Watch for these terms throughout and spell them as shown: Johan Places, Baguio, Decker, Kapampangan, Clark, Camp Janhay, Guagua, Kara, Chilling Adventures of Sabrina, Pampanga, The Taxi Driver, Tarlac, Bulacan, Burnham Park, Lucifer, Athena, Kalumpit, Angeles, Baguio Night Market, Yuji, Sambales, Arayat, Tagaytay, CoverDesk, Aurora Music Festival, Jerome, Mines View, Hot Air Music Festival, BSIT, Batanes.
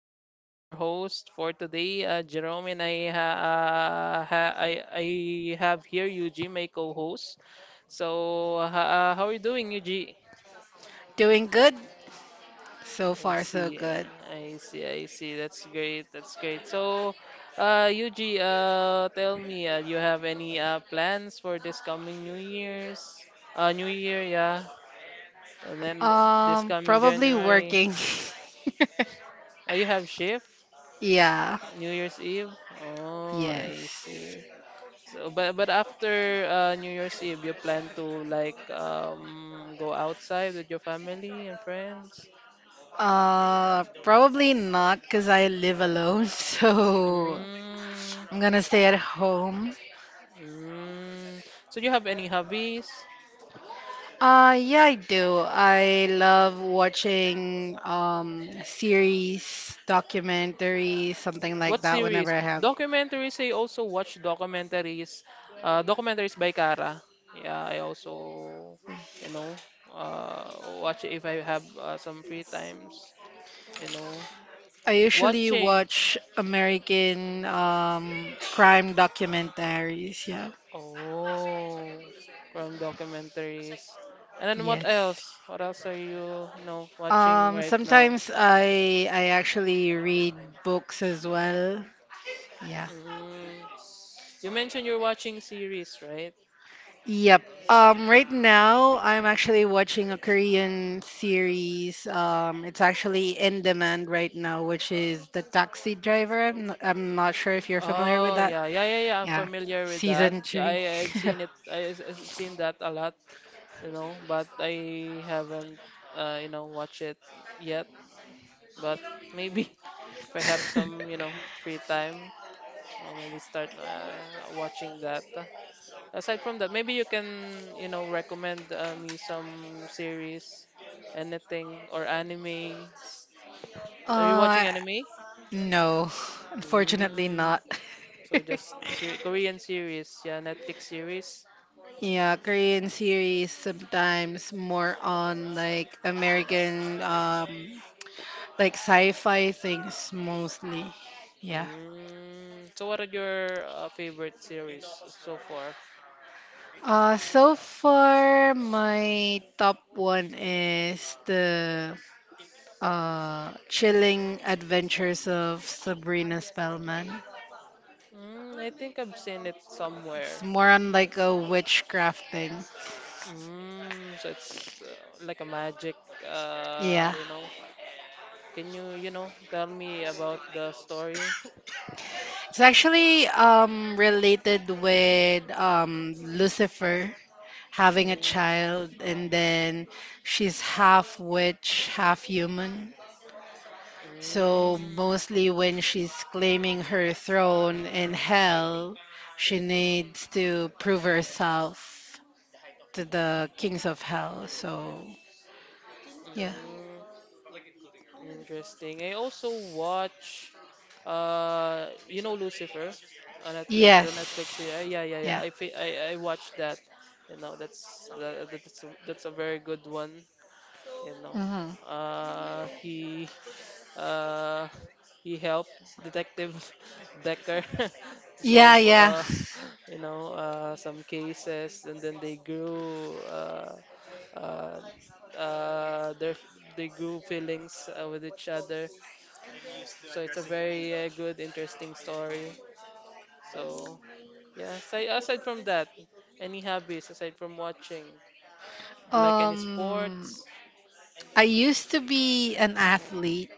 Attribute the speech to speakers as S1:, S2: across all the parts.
S1: So I'm your host for today, Jerome, and I ha ha I have here Yuji, my co-host. So ha how are you doing, Yuji?
S2: Doing good? So
S1: I
S2: far, so
S1: see,
S2: good.
S1: I see, I see. That's great. That's great. So, Yuji, tell me, you have any plans for this coming New Year's? New Year, yeah, and then this coming
S2: Probably
S1: January.
S2: working.
S1: You have shift?
S2: Yeah,
S1: New Year's Eve? Oh, I
S2: yes.
S1: see. So, but after New Year's Eve, you plan to like go outside with your family and friends?
S2: Probably not because I live alone, so
S1: Mm,
S2: I'm gonna stay at home.
S1: mm. So you have any hobbies?
S2: Yeah, I do. I love watching series, documentaries, something like
S1: What
S2: that whenever
S1: series?
S2: I have.
S1: Documentaries. I also watch documentaries. Documentaries by Kara. Yeah, I also, you know, watch it if I have some free times. You know,
S2: I usually
S1: Watching.
S2: watch American crime documentaries, yeah.
S1: Oh, crime documentaries. And then what
S2: Yes.
S1: else? What else are you watching right now?
S2: Sometimes I actually read books as well. Yeah.
S1: Mm. You mentioned you're watching series, right?
S2: Yep. Right now I'm actually watching a Korean series. It's actually in demand right now, which is The Taxi Driver. I'm not sure if you're familiar with
S1: Oh,
S2: that.
S1: yeah, yeah, yeah, yeah. I'm
S2: Yeah.
S1: familiar with that.
S2: Season
S1: Yeah,
S2: 3.
S1: I've seen it. I've seen that a lot, but I haven't, watched it yet. But maybe if I have some free time, I'll maybe start watching that. Aside from that, maybe you can recommend me some series, anything or animes. Are you watching
S2: Uh,
S1: anime?
S2: no, unfortunately
S1: Mm.
S2: not.
S1: So just a Korean series, yeah, Netflix series.
S2: Yeah, Korean series sometimes more on like American like sci-fi things mostly. Yeah.
S1: Mm. So what are your favorite series so far?
S2: So far my top one is the Chilling Adventures of Sabrina Spellman.
S1: Mm, I think I've seen it
S2: It's
S1: somewhere.
S2: more on like a witchcraft thing.
S1: Mm, so it's like a magic, uh,
S2: Yeah.
S1: you know. Can you tell me about the story?
S2: It's actually related with Lucifer having a
S1: Mm.
S2: child, and then she's half witch, half human. So,
S1: Mm,
S2: mostly when she's claiming her throne in hell, she needs to prove herself to the kings of hell. So, yeah.
S1: mm, interesting. I also watch, Lucifer, on Netflix, the Netflix series. Uh,
S2: Yes.
S1: Yeah, yeah, yeah.
S2: Yeah.
S1: I fi- I watched that. That's a very good one. You know,
S2: Hmm.
S1: uh, he Uh, he helped Detective Decker to solve,
S2: Yeah, yeah.
S1: some cases, and then they grew. Uh, their they grew feelings with each other. So it's a very good, interesting story. So yeah, aside from that, any hobbies aside from watching, do you like any
S2: Um,
S1: sports?
S2: I used to be an athlete.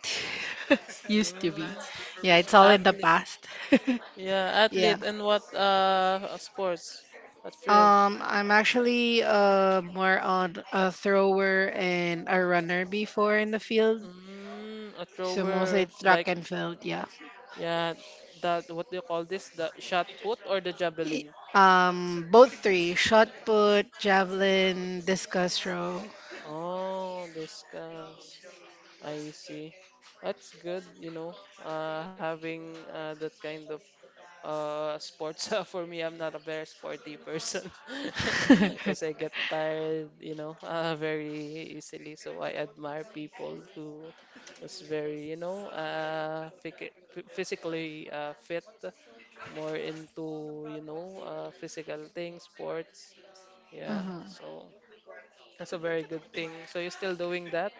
S2: Used to be.
S1: Mm,
S2: Yeah, it's all in the
S1: athlete.
S2: past.
S1: Yeah,
S2: Yeah.
S1: athlete in what sports? What field?
S2: I'm actually more on a thrower and a runner before in the field.
S1: Mm, a
S2: So mostly
S1: thrower. Like
S2: track and field, yeah.
S1: yeah, that what do you call this? The shot put or the
S2: Y-
S1: javelin?
S2: Both three, shot put, javelin, discus throw.
S1: Oh, discuss. I see. That's good, having that kind of sports. For me, I'm not a very sporty person because I get tired, very easily. So I admire people who was very, physically fit, more into, physical things, sports. Yeah,
S2: Mhm.
S1: so that's a very good thing. So you're still doing that?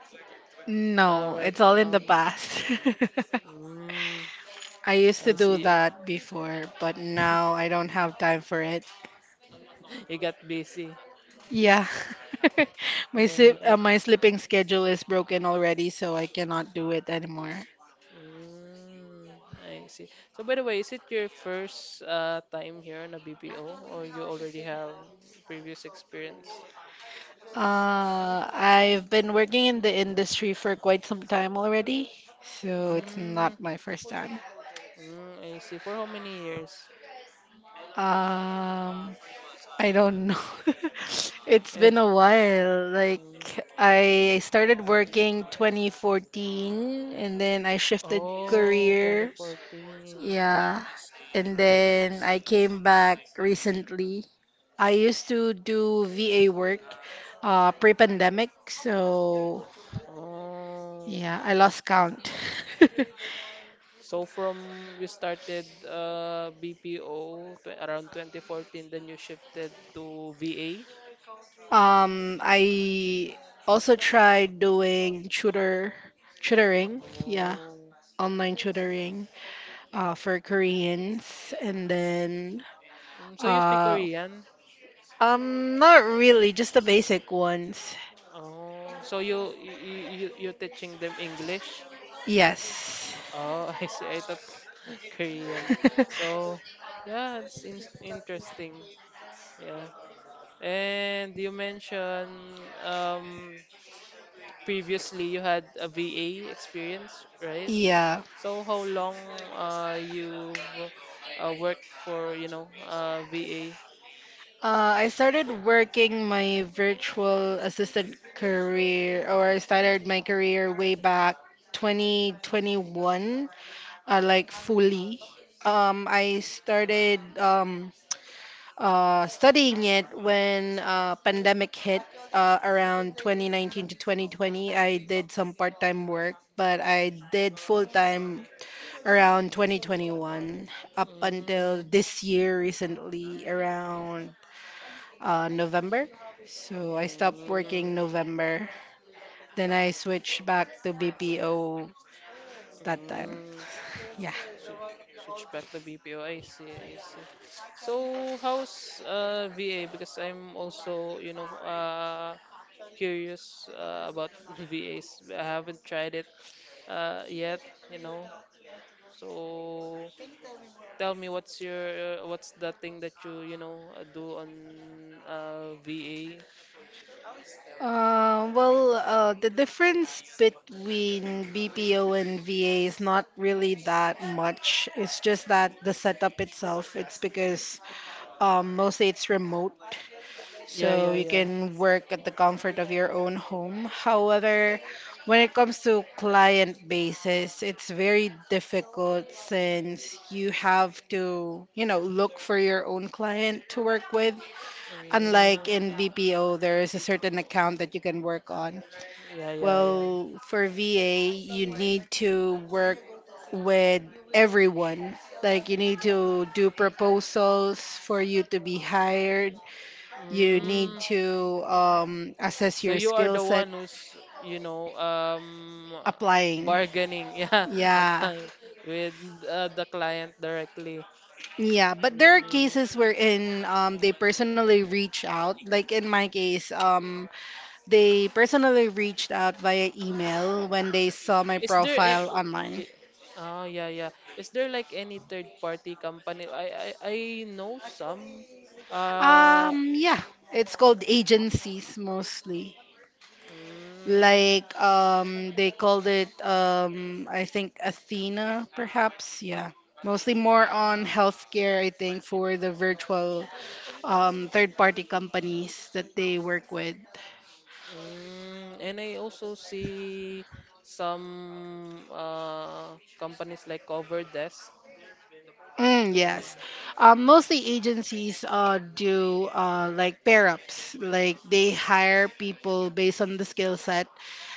S1: All
S2: No,
S1: right.
S2: it's all in the past.
S1: Mm,
S2: I used to
S1: I
S2: do
S1: see.
S2: that before, but now I don't have time for it.
S1: You got busy.
S2: Yeah. My sip, uh, my sleeping schedule is broken already, so I cannot do it anymore.
S1: Uh, mm, I see. So by the way, is it your first time here on a BPO or you already have previous experience?
S2: I've been working in the industry for quite some time already, so it's
S1: Mm,
S2: not my first time.
S1: mm, I see. For how many years?
S2: Um, I don't know. It's
S1: And
S2: been a while. Like
S1: mm,
S2: I started working 2014 and then I shifted
S1: oh,
S2: career.
S1: 2014.
S2: Yeah. And then I came back recently. I used to do VA work pre-pandemic, so
S1: Oh.
S2: yeah, I lost count.
S1: So from you started BPO tw around 2014, then you shifted to VA?
S2: I also tried doing tutoring, yeah,
S1: Oh.
S2: online tutoring for Koreans, and then
S1: Mm. So you speak
S2: uh,
S1: Korean?
S2: not really, just the basic ones.
S1: Oh, so you're teaching them English?
S2: Yes,
S1: Oh, I see. I thought Korean. So, yeah, it's in interesting. Yeah. And you mentioned previously you had a VA experience, right?
S2: yeah.
S1: So how long you've worked for, VA?
S2: I started working my virtual assistant career, or I started my career way back 2021 like fully. I started studying it when pandemic hit around 2019 to 2020. I did some part-time work, but I did full-time around 2021 up
S1: Mm,
S2: until this year recently around November. So I stopped
S1: mm,
S2: working November. Then I switched back to BPO that time.
S1: mm.
S2: Yeah.
S1: Switch, switch back the BPO. I see, I see. So how's VA? Because I'm also, curious about VAs. I haven't tried it yet, you know. So tell me what's your what's the thing that you do on VA?
S2: Well, the difference between BPO and VA is not really that much. It's just that the setup itself, it's because mostly it's remote,
S1: Yeah,
S2: so
S1: yeah,
S2: you
S1: yeah.
S2: can work at the comfort of your own home. However, when it comes to client basis, it's very difficult since you have to look for your own client to work with. Unlike
S1: Mm,
S2: in BPO, there is a certain account that you can work on.
S1: yeah, yeah, yeah.
S2: Well, for VA, you need to work with everyone. Like, you need to do proposals for you to be hired. You need
S1: Mm,
S2: to assess
S1: So
S2: your
S1: you are
S2: skill
S1: the
S2: set
S1: one who's, you know, um,
S2: applying.
S1: bargaining, yeah,
S2: Yeah.
S1: applying with the client directly.
S2: Yeah, but there are
S1: Mm.
S2: cases wherein they personally reach out. Like in my case, they personally reached out via email when they saw my
S1: Is there a
S2: profile online.
S1: y- Oh, yeah, yeah. Is there like any third party company? I know some. Uh,
S2: Yeah, it's called agencies mostly.
S1: mm,
S2: Like, they called it, I think Athena, perhaps. Yeah, mostly more on
S1: mm,
S2: healthcare, I think, for the virtual, third party companies that they work with.
S1: and I also see some companies like CoverDesk.
S2: Mm,
S1: Uh,
S2: yes. Mostly agencies do like pair ups, like they hire people based on the skill set,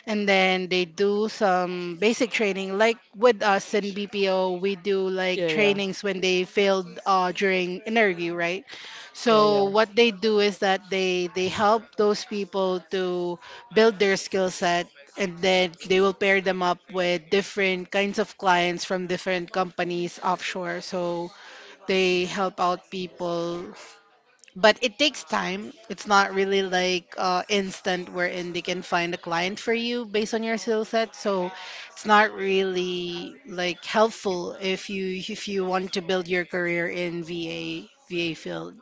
S2: and then they do some basic training. Like with us in BPO, we do like
S1: yeah yeah,
S2: trainings when they failed during interview, right?
S1: yeah,
S2: So
S1: yeah.
S2: what they do is that they help those people to build their skill set, and then they will pair them up with different kinds of clients from different companies offshore, so they help out people. But it takes time, it's not really like instant, wherein they can find a client for you based on your skill set. So it's not really like helpful if you want to build your career in VA field.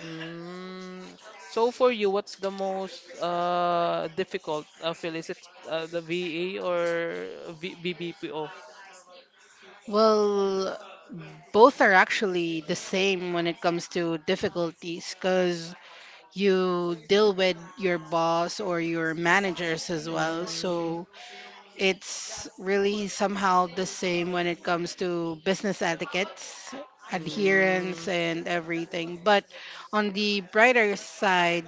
S1: Mm, so for you, what's the most difficult? Is it the VA or v VBPO?
S2: Well, both are actually the same when it comes to difficulties because you deal with your boss or your managers as well.
S1: Mm,
S2: So it's really somehow the same when it comes to business etiquettes, adherence,
S1: mm,
S2: and everything. But on the brighter side,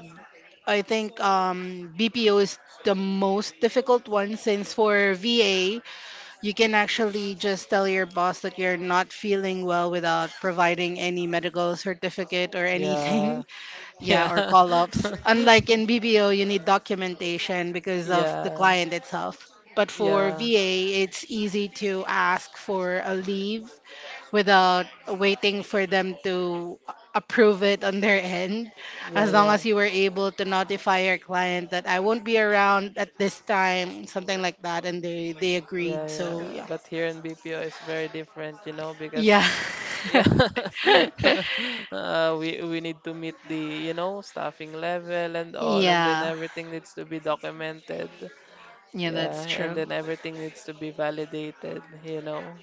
S2: I think BPO is the most difficult one since for VA, you can actually just tell your boss that you're not feeling well without providing any medical certificate or
S1: yeah,
S2: anything. Yeah,
S1: yeah,
S2: or call ups. Unlike in BBO, you need documentation because of the
S1: yeah,
S2: client itself.
S1: yeah,
S2: But for
S1: yeah,
S2: VA, it's easy to ask for a leave without waiting for them to approve it on their end. As long
S1: yeah,
S2: as you were able to notify your client that I won't be around at this time, something like that, and they agreed.
S1: yeah,
S2: So,
S1: yeah.
S2: yeah.
S1: But here in BPO, it's very different,
S2: Yeah.
S1: because yeah, we need to meet the staffing level and all, and then
S2: Yeah.
S1: everything needs to be documented.
S2: Yeah,
S1: Yeah,
S2: that's
S1: and
S2: true.
S1: then everything needs to be validated.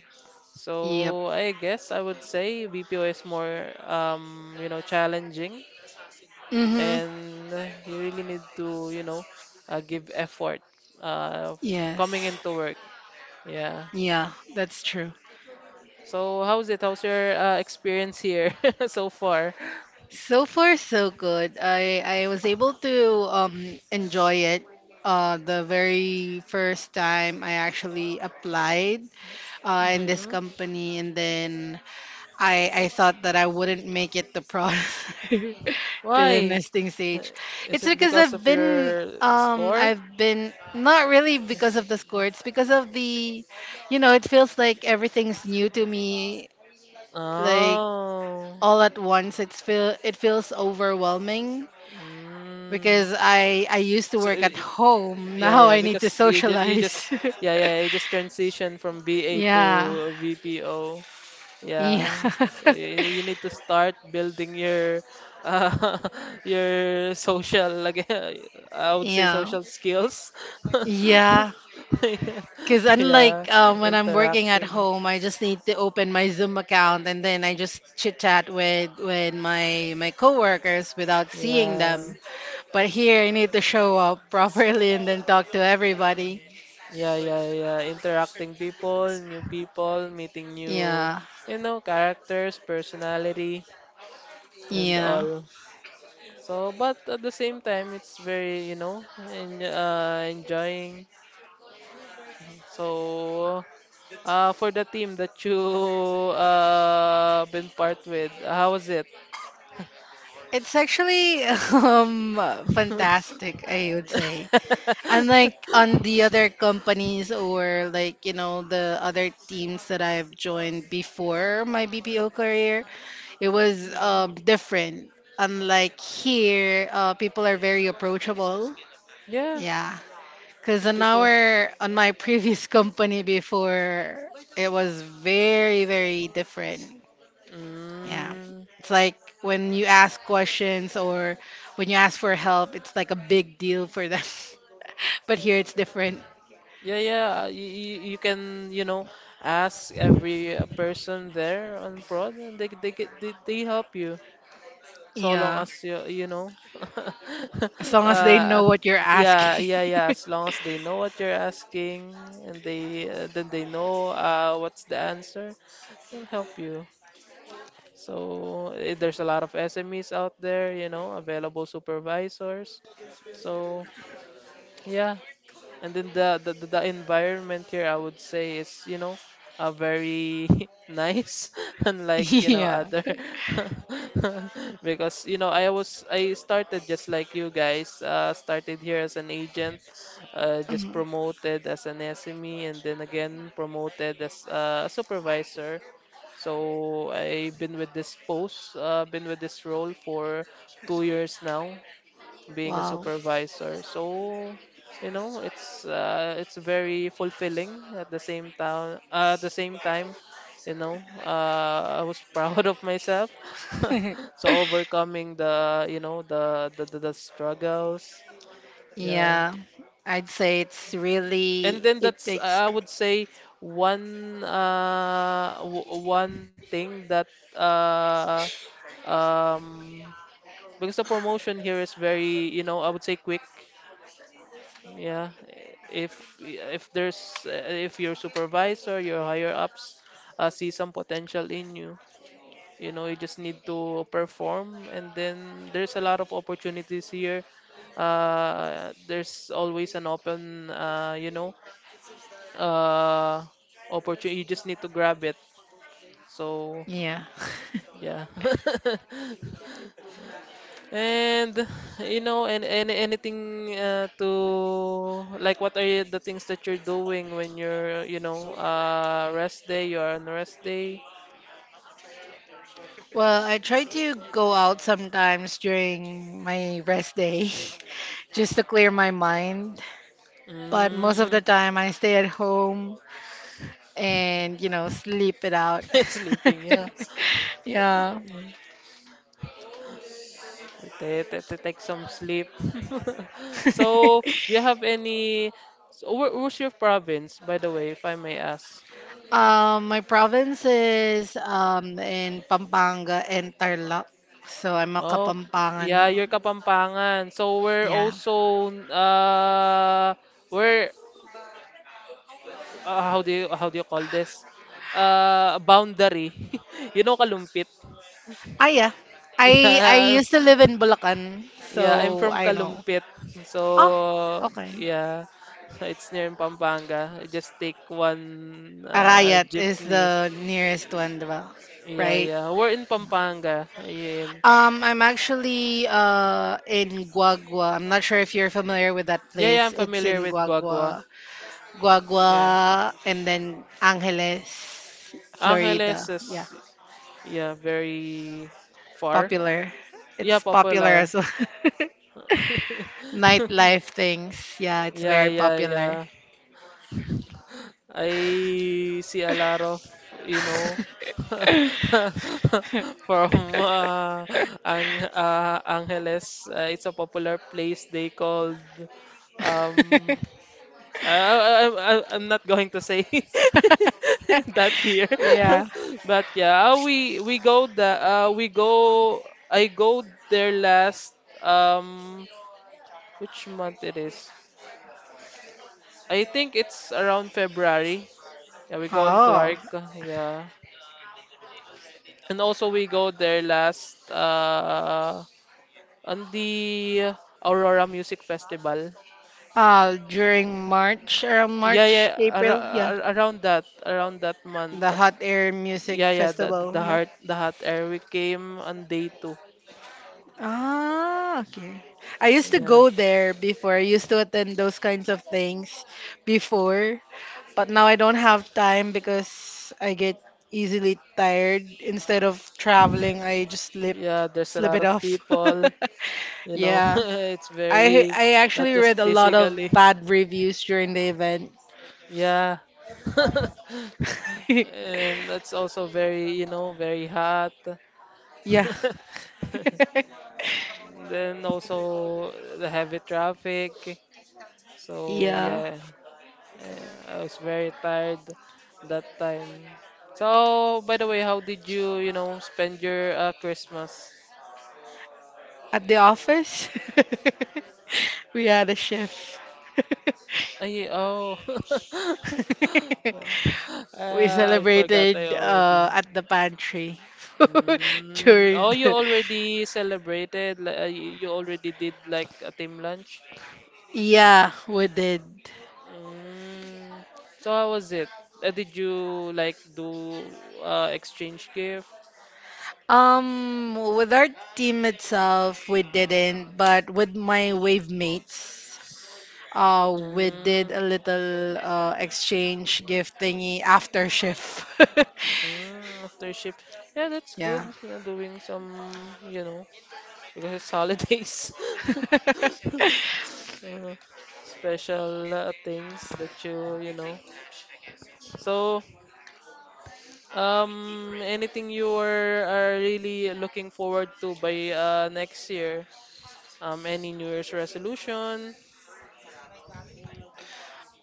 S2: Yep.
S1: So I guess I would say BPO is more challenging,
S2: Mm hmm.
S1: and you really need to, give effort uh coming
S2: Yes.
S1: into work. Yeah.
S2: Yeah, that's true.
S1: So how's it? How's your experience here so far?
S2: So far, so good. I was able to enjoy it. The very first time I actually applied in this
S1: Hmm.
S2: company, and then I thought that I wouldn't make it the product to the
S1: Why?
S2: nesting
S1: Uh,
S2: stage.
S1: Is
S2: It's
S1: it
S2: because
S1: because
S2: I've
S1: of
S2: been
S1: your
S2: um
S1: score?
S2: I've been not really because of the score. It's because of the, you know, it feels like everything's new to me. Like
S1: Oh.
S2: all at once it feels overwhelming
S1: Mm.
S2: because I used to
S1: So,
S2: work at home.
S1: yeah,
S2: Now
S1: yeah,
S2: I need to
S1: because you just, you just,
S2: socialize.
S1: yeah, yeah, you just transition from BA
S2: Yeah.
S1: to VPO.
S2: Yeah.
S1: Yeah, so you, you need to start building uh, your social, like, I would say
S2: Yeah.
S1: social skills.
S2: Yeah.
S1: Yeah,
S2: Because
S1: yeah,
S2: unlike when I'm working at
S1: interacting.
S2: home, I just need to open my Zoom account, and then I just chit chat with my coworkers without seeing
S1: Yeah,
S2: them. But here I need to show up properly and then talk to everybody.
S1: yeah, yeah, yeah. Interacting people, new people, meeting new,
S2: Yeah,
S1: characters, personality, and
S2: yeah.
S1: all. So, but at the same time, it's very, en enjoying. So, for the team that you been part with, how was it?
S2: It's actually fantastic, I would say. Unlike on the other companies or like, the other teams that I've joined before my BPO career, it was
S1: Yeah,
S2: different. Unlike here, people are very approachable.
S1: yeah,
S2: Yeah. Because on
S1: people.
S2: our on my previous company before, it was very, very different. Yeah.
S1: Mm,
S2: It's like when you ask questions or when you ask for help, it's like a big deal for them. But here it's different.
S1: yeah, yeah. You can, ask every person there on prod, and they help you. So long
S2: Yeah.
S1: as you know.
S2: As long as they
S1: uh
S2: know what you're
S1: yeah, yeah,
S2: asking.
S1: yeah, as long as they know what you're asking, and they then they know what's the answer, they'll help you. So there's a lot of SMEs out there, available supervisors. So yeah, and then the environment here, I would say, is, very nice, unlike,
S2: Yeah.
S1: other. Because, I started just like you guys, started here as an agent, just
S2: Mhm.
S1: promoted as an SME, and then again promoted as a supervisor. So I've been with this role for 2 years now being a
S2: Wow.
S1: supervisor. So, it's it's very fulfilling at the same time. At the same time, I was proud of myself. So overcoming the, you know, the struggles. Yeah.
S2: Yeah. I'd say it's
S1: And
S2: really,
S1: then
S2: it
S1: that's
S2: takes,
S1: I would say one thing that uh um because the promotion here is very, I would say quick. Yeah, if your higher ups see some potential in you, you just need to perform, and then there's a lot of opportunities here. There's always an open, uh, opportunity. You just need to grab it. So
S2: yeah.
S1: yeah. And and anything to like, what are you, the things that you're doing when you're, rest day? You're on rest day.
S2: Well, I try to go out sometimes during my rest day just to clear my mind. But most of the
S1: Mm,
S2: time, I stay at home and sleep it out.
S1: sleeping, yeah.
S2: Yeah.
S1: Yeah. Take some sleep. So, do you have any? So, where's your province, by the way, if I may ask?
S2: My province is in Pampanga and Tarlac. So I'm a
S1: Oh,
S2: Kapampangan.
S1: yeah, you're Kapampangan. So we're
S2: Yeah.
S1: also we're how do you call this? Boundary. Kalumpit.
S2: Ah, yeah. I
S1: Yeah.
S2: used to live in Bulacan, so
S1: Yeah, I'm from
S2: I know.
S1: Kalumpit.
S2: Ah,
S1: So,
S2: okay.
S1: yeah. It's near in Pampanga. I just take one
S2: Arayat is
S1: jeepney.
S2: the nearest one, di ba?
S1: Yeah,
S2: Right?
S1: yeah. We're in Pampanga. Ayan.
S2: I'm actually in Guagua. I'm not sure if you're familiar with that
S1: Yeah, yeah,
S2: place.
S1: I'm
S2: It's
S1: familiar
S2: in
S1: with Guagua.
S2: Guagua.
S1: Yeah.
S2: Guagua and then Angeles,
S1: Angeles
S2: Florida. Yeah.
S1: is, yeah, very far.
S2: Popular.
S1: Yeah,
S2: It's popular
S1: popular.
S2: as well. Nightlife things. Yeah, it's
S1: Yeah,
S2: very
S1: yeah,
S2: popular.
S1: yeah. I see a lot of, you know, from uh, Angeles. It's a popular place they called. Um, I, I, I'm not going to say that here,
S2: Yeah.
S1: but yeah, we go. I go there last. Um, which month it is? I think it's around February. Yeah, we go on
S2: Oh.
S1: Clark. Yeah. And also we go there last on the Aurora Music Festival.
S2: During March, around
S1: Yeah,
S2: March,
S1: yeah,
S2: April, yeah.
S1: around that month.
S2: The Hot Air Music
S1: Yeah, yeah,
S2: Festival, yeah.
S1: the hot air we came on day two.
S2: Ah, okay. I used to
S1: Yeah.
S2: go there before. I used to attend those kinds of things before, but now I don't have time because I get easily tired. Instead of traveling, I just slip
S1: Yeah, there's a
S2: slip
S1: lot
S2: it
S1: of
S2: off.
S1: people, you know.
S2: Yeah.
S1: It's
S2: I
S1: very
S2: I
S1: not
S2: actually read
S1: just
S2: a lot of
S1: physically.
S2: bad reviews during the event.
S1: Yeah. And that's also very, very hot.
S2: Yeah.
S1: Then also the heavy traffic. So
S2: Yeah.
S1: yeah, I was very tired that time. So by the way, how did you spend your Christmas?
S2: At the office, we had a chef.
S1: Ay, oh. Yeah.
S2: We
S1: I forgot I
S2: celebrated
S1: already.
S2: at the pantry
S1: Mm,
S2: during
S1: oh, you
S2: the.
S1: already celebrated. You already did like a team lunch.
S2: Yeah, we did.
S1: Mm, so how was it? Did you like do exchange gift?
S2: With our team itself, we didn't, but with my wave mates, we did
S1: Mm.
S2: a little exchange gift thingy after shift.
S1: Mm, after shift. Yeah, that's good.
S2: Yeah.
S1: Yeah, doing some, because it's holidays. uh, special things that you know. So, anything you are really looking forward to by next year? Any New Year's resolution?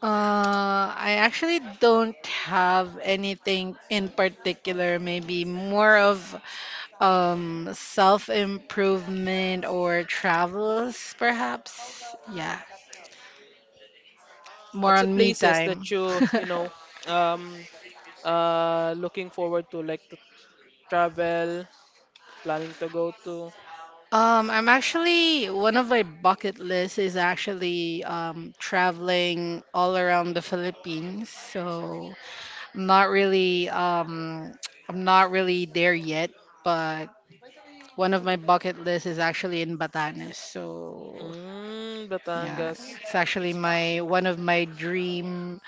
S2: I actually don't have anything in particular, maybe more of self-improvement or travels, perhaps. Yeah, more
S1: What's the
S2: on me
S1: places
S2: time.
S1: that youum, looking forward to, like to travel, planning to go to?
S2: I'm actually One of my bucket lists is actually traveling all around the Philippines. So I'm not really I'm not really there yet, but one of my bucket lists is actually in Batanes. So
S1: Mm,
S2: yeah,
S1: Batangas.
S2: it's actually my one of my dream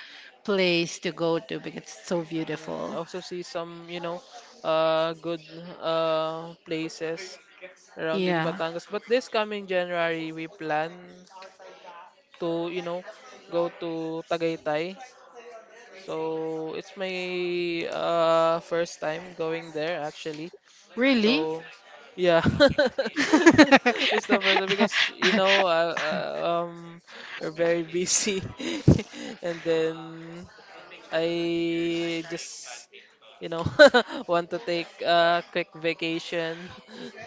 S2: place to go to because it's so
S1: Mm,
S2: beautiful.
S1: also see some good places around in
S2: Yeah,
S1: Batangas. But this coming January, we plan to go to Tagaytay. So it's my first time going there actually.
S2: really.
S1: So yeah, it's the first time because we're very busy, and then I just, you know, want to take a quick vacation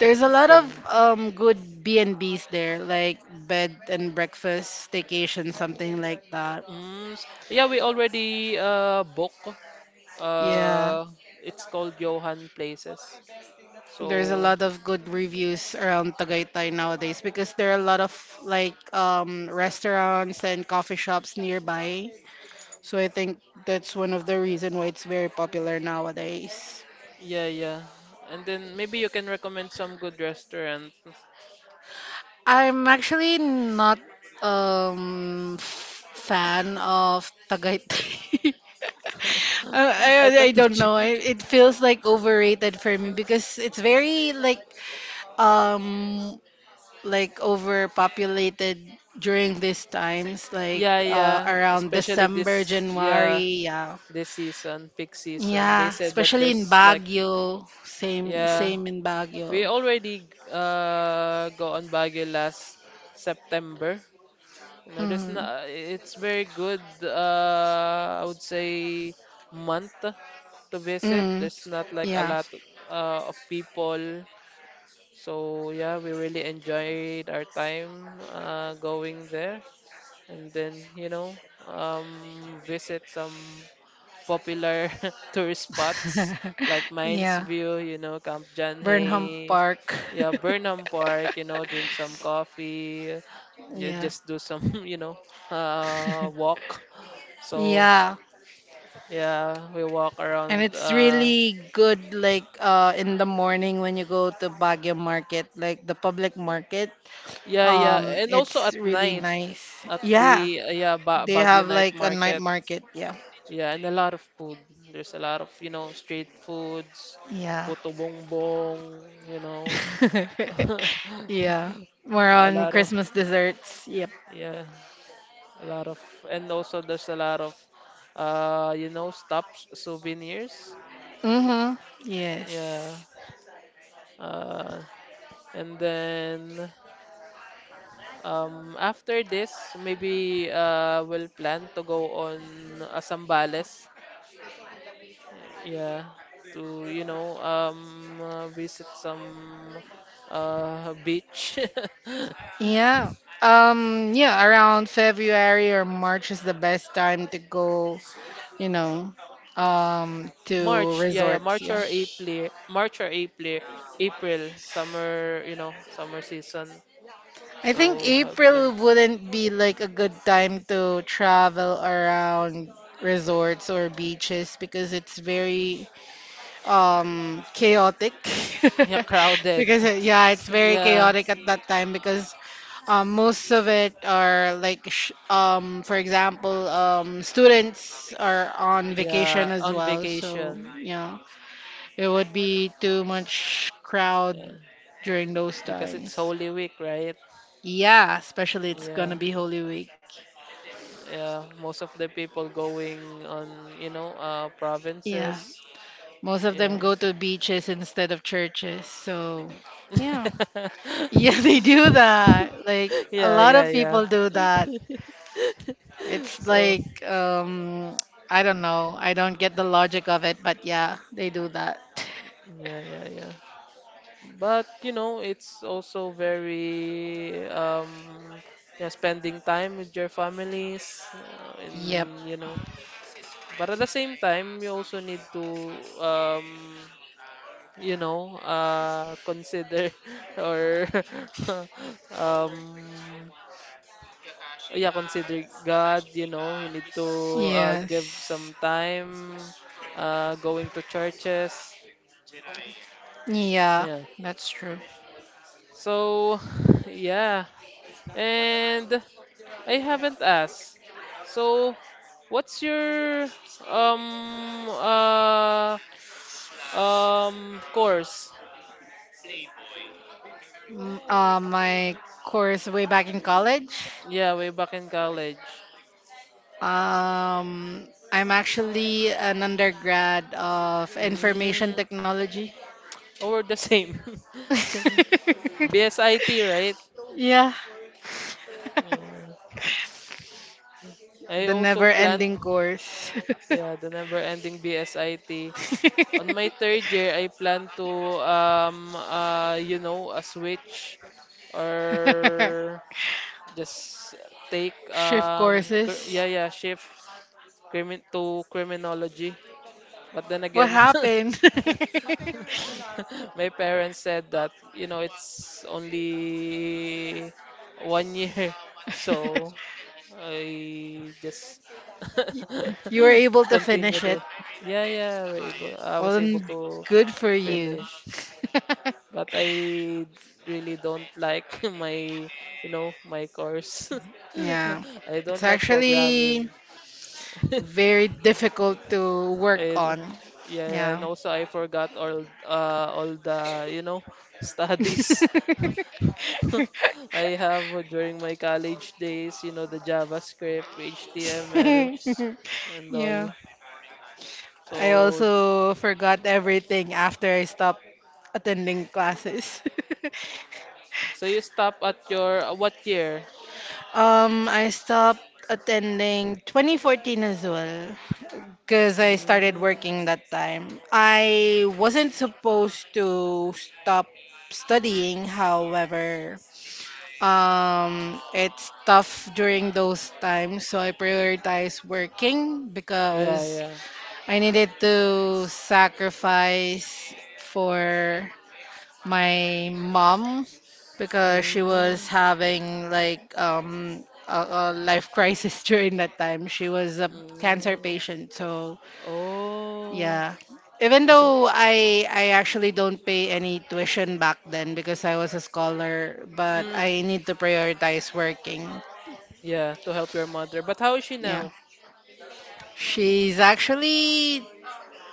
S2: There's a lot
S1: from.
S2: of good B&Bs there, like bed and breakfast, staycation, something like that.
S1: Mm, yeah, we already booked.
S2: Yeah,
S1: Uh, it's called Johan Places.
S2: there's a
S1: So
S2: lot of good reviews around Tagaytay nowadays because there are a lot of like restaurants and coffee shops nearby. So I think that's one of the reason why it's very popular nowadays.
S1: yeah, yeah, and then maybe you can recommend some good restaurant.
S2: I'm actually not fan of Tagaytay. Uh,
S1: I
S2: I, I
S1: thought that.
S2: don't
S1: You.
S2: know. I, it feels like overrated for me because it's very um like overpopulated during these times like
S1: Yeah, yeah,
S2: around
S1: especially
S2: December,
S1: this yeah
S2: January, yeah.
S1: this season, peak season. They
S2: Yeah,
S1: said that
S2: especially in
S1: there's like,
S2: Baguio. Same
S1: yeah.
S2: same in Baguio.
S1: We already go on Baguio last September. There's
S2: Mm.
S1: not, it's very good, I would say, month to visit.
S2: Mm.
S1: There's not like a
S2: Yeah.
S1: lot of people. So yeah, we really enjoyed our time going there. And then, visit some popular tourist spots like Mines
S2: Yeah.
S1: View, Camp
S2: Burnham
S1: Janhay,
S2: Park.
S1: yeah, Burnham Park, drink some coffee, yeah,
S2: Yeah.
S1: just do some, walk. So,
S2: Yeah.
S1: yeah, we walk
S2: And
S1: around.
S2: it's really good like in the morning when you go to Baguio market, like the public market.
S1: Yeah, yeah, and also
S2: It's
S1: at
S2: really
S1: night
S2: nice.
S1: at
S2: Yeah.
S1: the yeah ba
S2: They
S1: Baguio
S2: have
S1: Night
S2: like a night
S1: Market.
S2: market, yeah.
S1: Yeah, and a lot of food. There's a lot of street foods,
S2: Yeah.
S1: puto bongbong,
S2: Yeah. More
S1: a
S2: on
S1: lot of.
S2: Christmas desserts. Yep.
S1: Yeah, a lot of, and also there's a lot of, stops, souvenirs.
S2: Mhm.
S1: Yeah.
S2: Yes.
S1: Uh, and then after this, maybe we'll plan to go on Sambales. Yeah, to visit some beach.
S2: Yeah. Yeah, around February or March is the best time to go, you know, to
S1: March, yeah, yeah,
S2: resorts.
S1: March
S2: Yeah.
S1: or April, April, summer, summer season.
S2: I think
S1: So have
S2: April
S1: plans.
S2: wouldn't be like a good time to travel around resorts or beaches because it's very chaotic
S1: Yeah, crowded.
S2: because yeah, it's very
S1: Yeah,
S2: chaotic at that time because. Most of it are like, for example, students are on vacation
S1: yeah,
S2: as
S1: on
S2: well.
S1: vacation.
S2: So, yeah, it would be too much crowd
S1: Yeah,
S2: during those
S1: because it's
S2: times.
S1: Holy Week, right?
S2: Yeah, especially it's gonna
S1: Yeah,
S2: be Holy Week.
S1: yeah. Most of the people going on,
S2: Yeah,
S1: provinces.
S2: most of
S1: Yeah.
S2: them go to beaches instead of churches. So, yeah. Yeah, they do that. Like, a
S1: Yeah,
S2: lot
S1: yeah,
S2: of
S1: yeah.
S2: people do that. It's
S1: So,
S2: like I don't know. I don't get the logic of it, but yeah, they do that.
S1: yeah, yeah, yeah. But it's also very yeah, spending time with your families
S2: Yep.
S1: and. But at the same time, you also need to um consider or um yeah consider God. You need to give
S2: Yes.
S1: some time going to churches.
S2: Yeah,
S1: Yeah.
S2: that's true.
S1: So yeah. And I haven't asked. So, what's your um uh course?
S2: My course way back in college.
S1: Yeah, way back in college.
S2: I'm actually an undergrad of information
S1: Mm,
S2: technology.
S1: oh, we're the same. BSIT, right?
S2: Yeah,
S1: Yeah. I
S2: the
S1: also planned,
S2: never-ending course.
S1: yeah, the never-ending BSIT. On my third year, I plan to a switch or just take
S2: Shift courses.
S1: yeah yeah shift crimin to criminology. But then
S2: What
S1: again,
S2: happened?
S1: my parents said that it's only 1 year, so I just
S2: You were able to finish
S1: continued
S2: it.
S1: it. Yeah, we're able. I was
S2: Well,
S1: able
S2: then,
S1: to
S2: good for you.
S1: finish, but I really don't like my course.
S2: Yeah.
S1: I
S2: It's
S1: don't like programming.
S2: actually very difficult to work
S1: And
S2: on.
S1: yeah, yeah, and
S2: Yeah.
S1: also I forgot all the, studies I have during my college days, the JavaScript, HTML and
S2: Yeah.
S1: all.
S2: I
S1: So
S2: also forgot everything after I stopped attending classes.
S1: so you stop at your what year?
S2: I stopped attending 2014 as well because I started
S1: Mm,
S2: working that time. I wasn't supposed to stop studying, however, it's tough during those times, so I prioritize working
S1: yeah,
S2: because
S1: yeah.
S2: I needed to sacrifice for my mom because she was
S1: Mm,
S2: having like a life crisis during that time. She was a cancer
S1: mm.
S2: patient, so
S1: Oh,
S2: yeah. Even
S1: I
S2: though I actually don't pay any tuition back then because I was a scholar, but
S1: mm,
S2: I need to prioritize working.
S1: yeah, to help your mother. But how is she
S2: Yeah.
S1: now?
S2: She's actually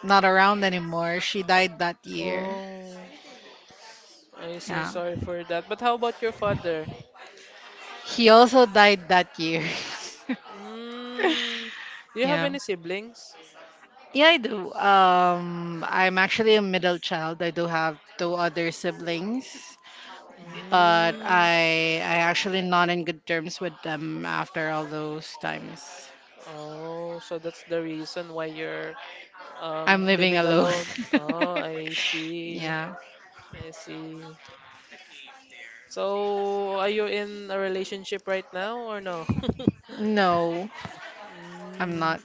S2: not around anymore. She died that year.
S1: Oh, I see.
S2: Yeah.
S1: Sorry for that. But how about your father?
S2: He also died that year.
S1: Mm, do you have
S2: Yeah.
S1: any siblings?
S2: Yeah, I do. I'm actually a middle child. I do have two other siblings, but
S1: Mm,
S2: I actually not in good terms with them after all those times.
S1: oh, so that's the reason why you're
S2: I'm living
S1: living
S2: alone.
S1: alone. Oh, I see.
S2: Yeah.
S1: I see. So, are you in a relationship right now or no?
S2: No, I'm
S1: Mm,
S2: not.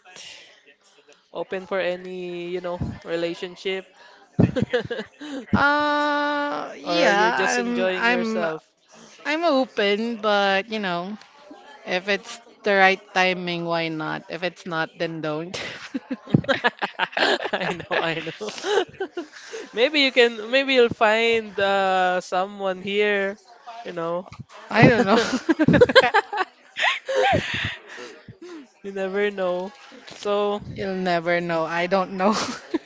S1: open for any, relationship. Or you're
S2: Yeah,
S1: just
S2: I'm
S1: enjoying
S2: I'm
S1: yourself.
S2: I'm open, but if it's the right timing, why not? If it's not, then don't.
S1: I know, I know. Maybe you'll find someone here, you know.
S2: I don't know.
S1: You never know. So,
S2: You'll never know. I don't know.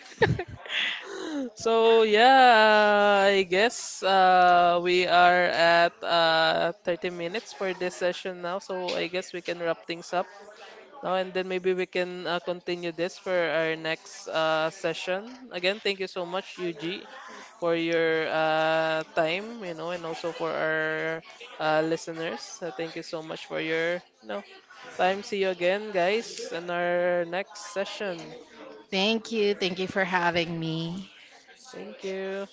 S1: So yeah, I guess we are at 30 minutes for this session now. So I guess we can wrap things up now, and then maybe we can continue this for our next session. Again, thank you so much, Yuji, for your time, and also for our listeners. Thank you so much for your time. See you again, guys, in our next session.
S2: Thank you. Thank you for having me.
S1: Thank you.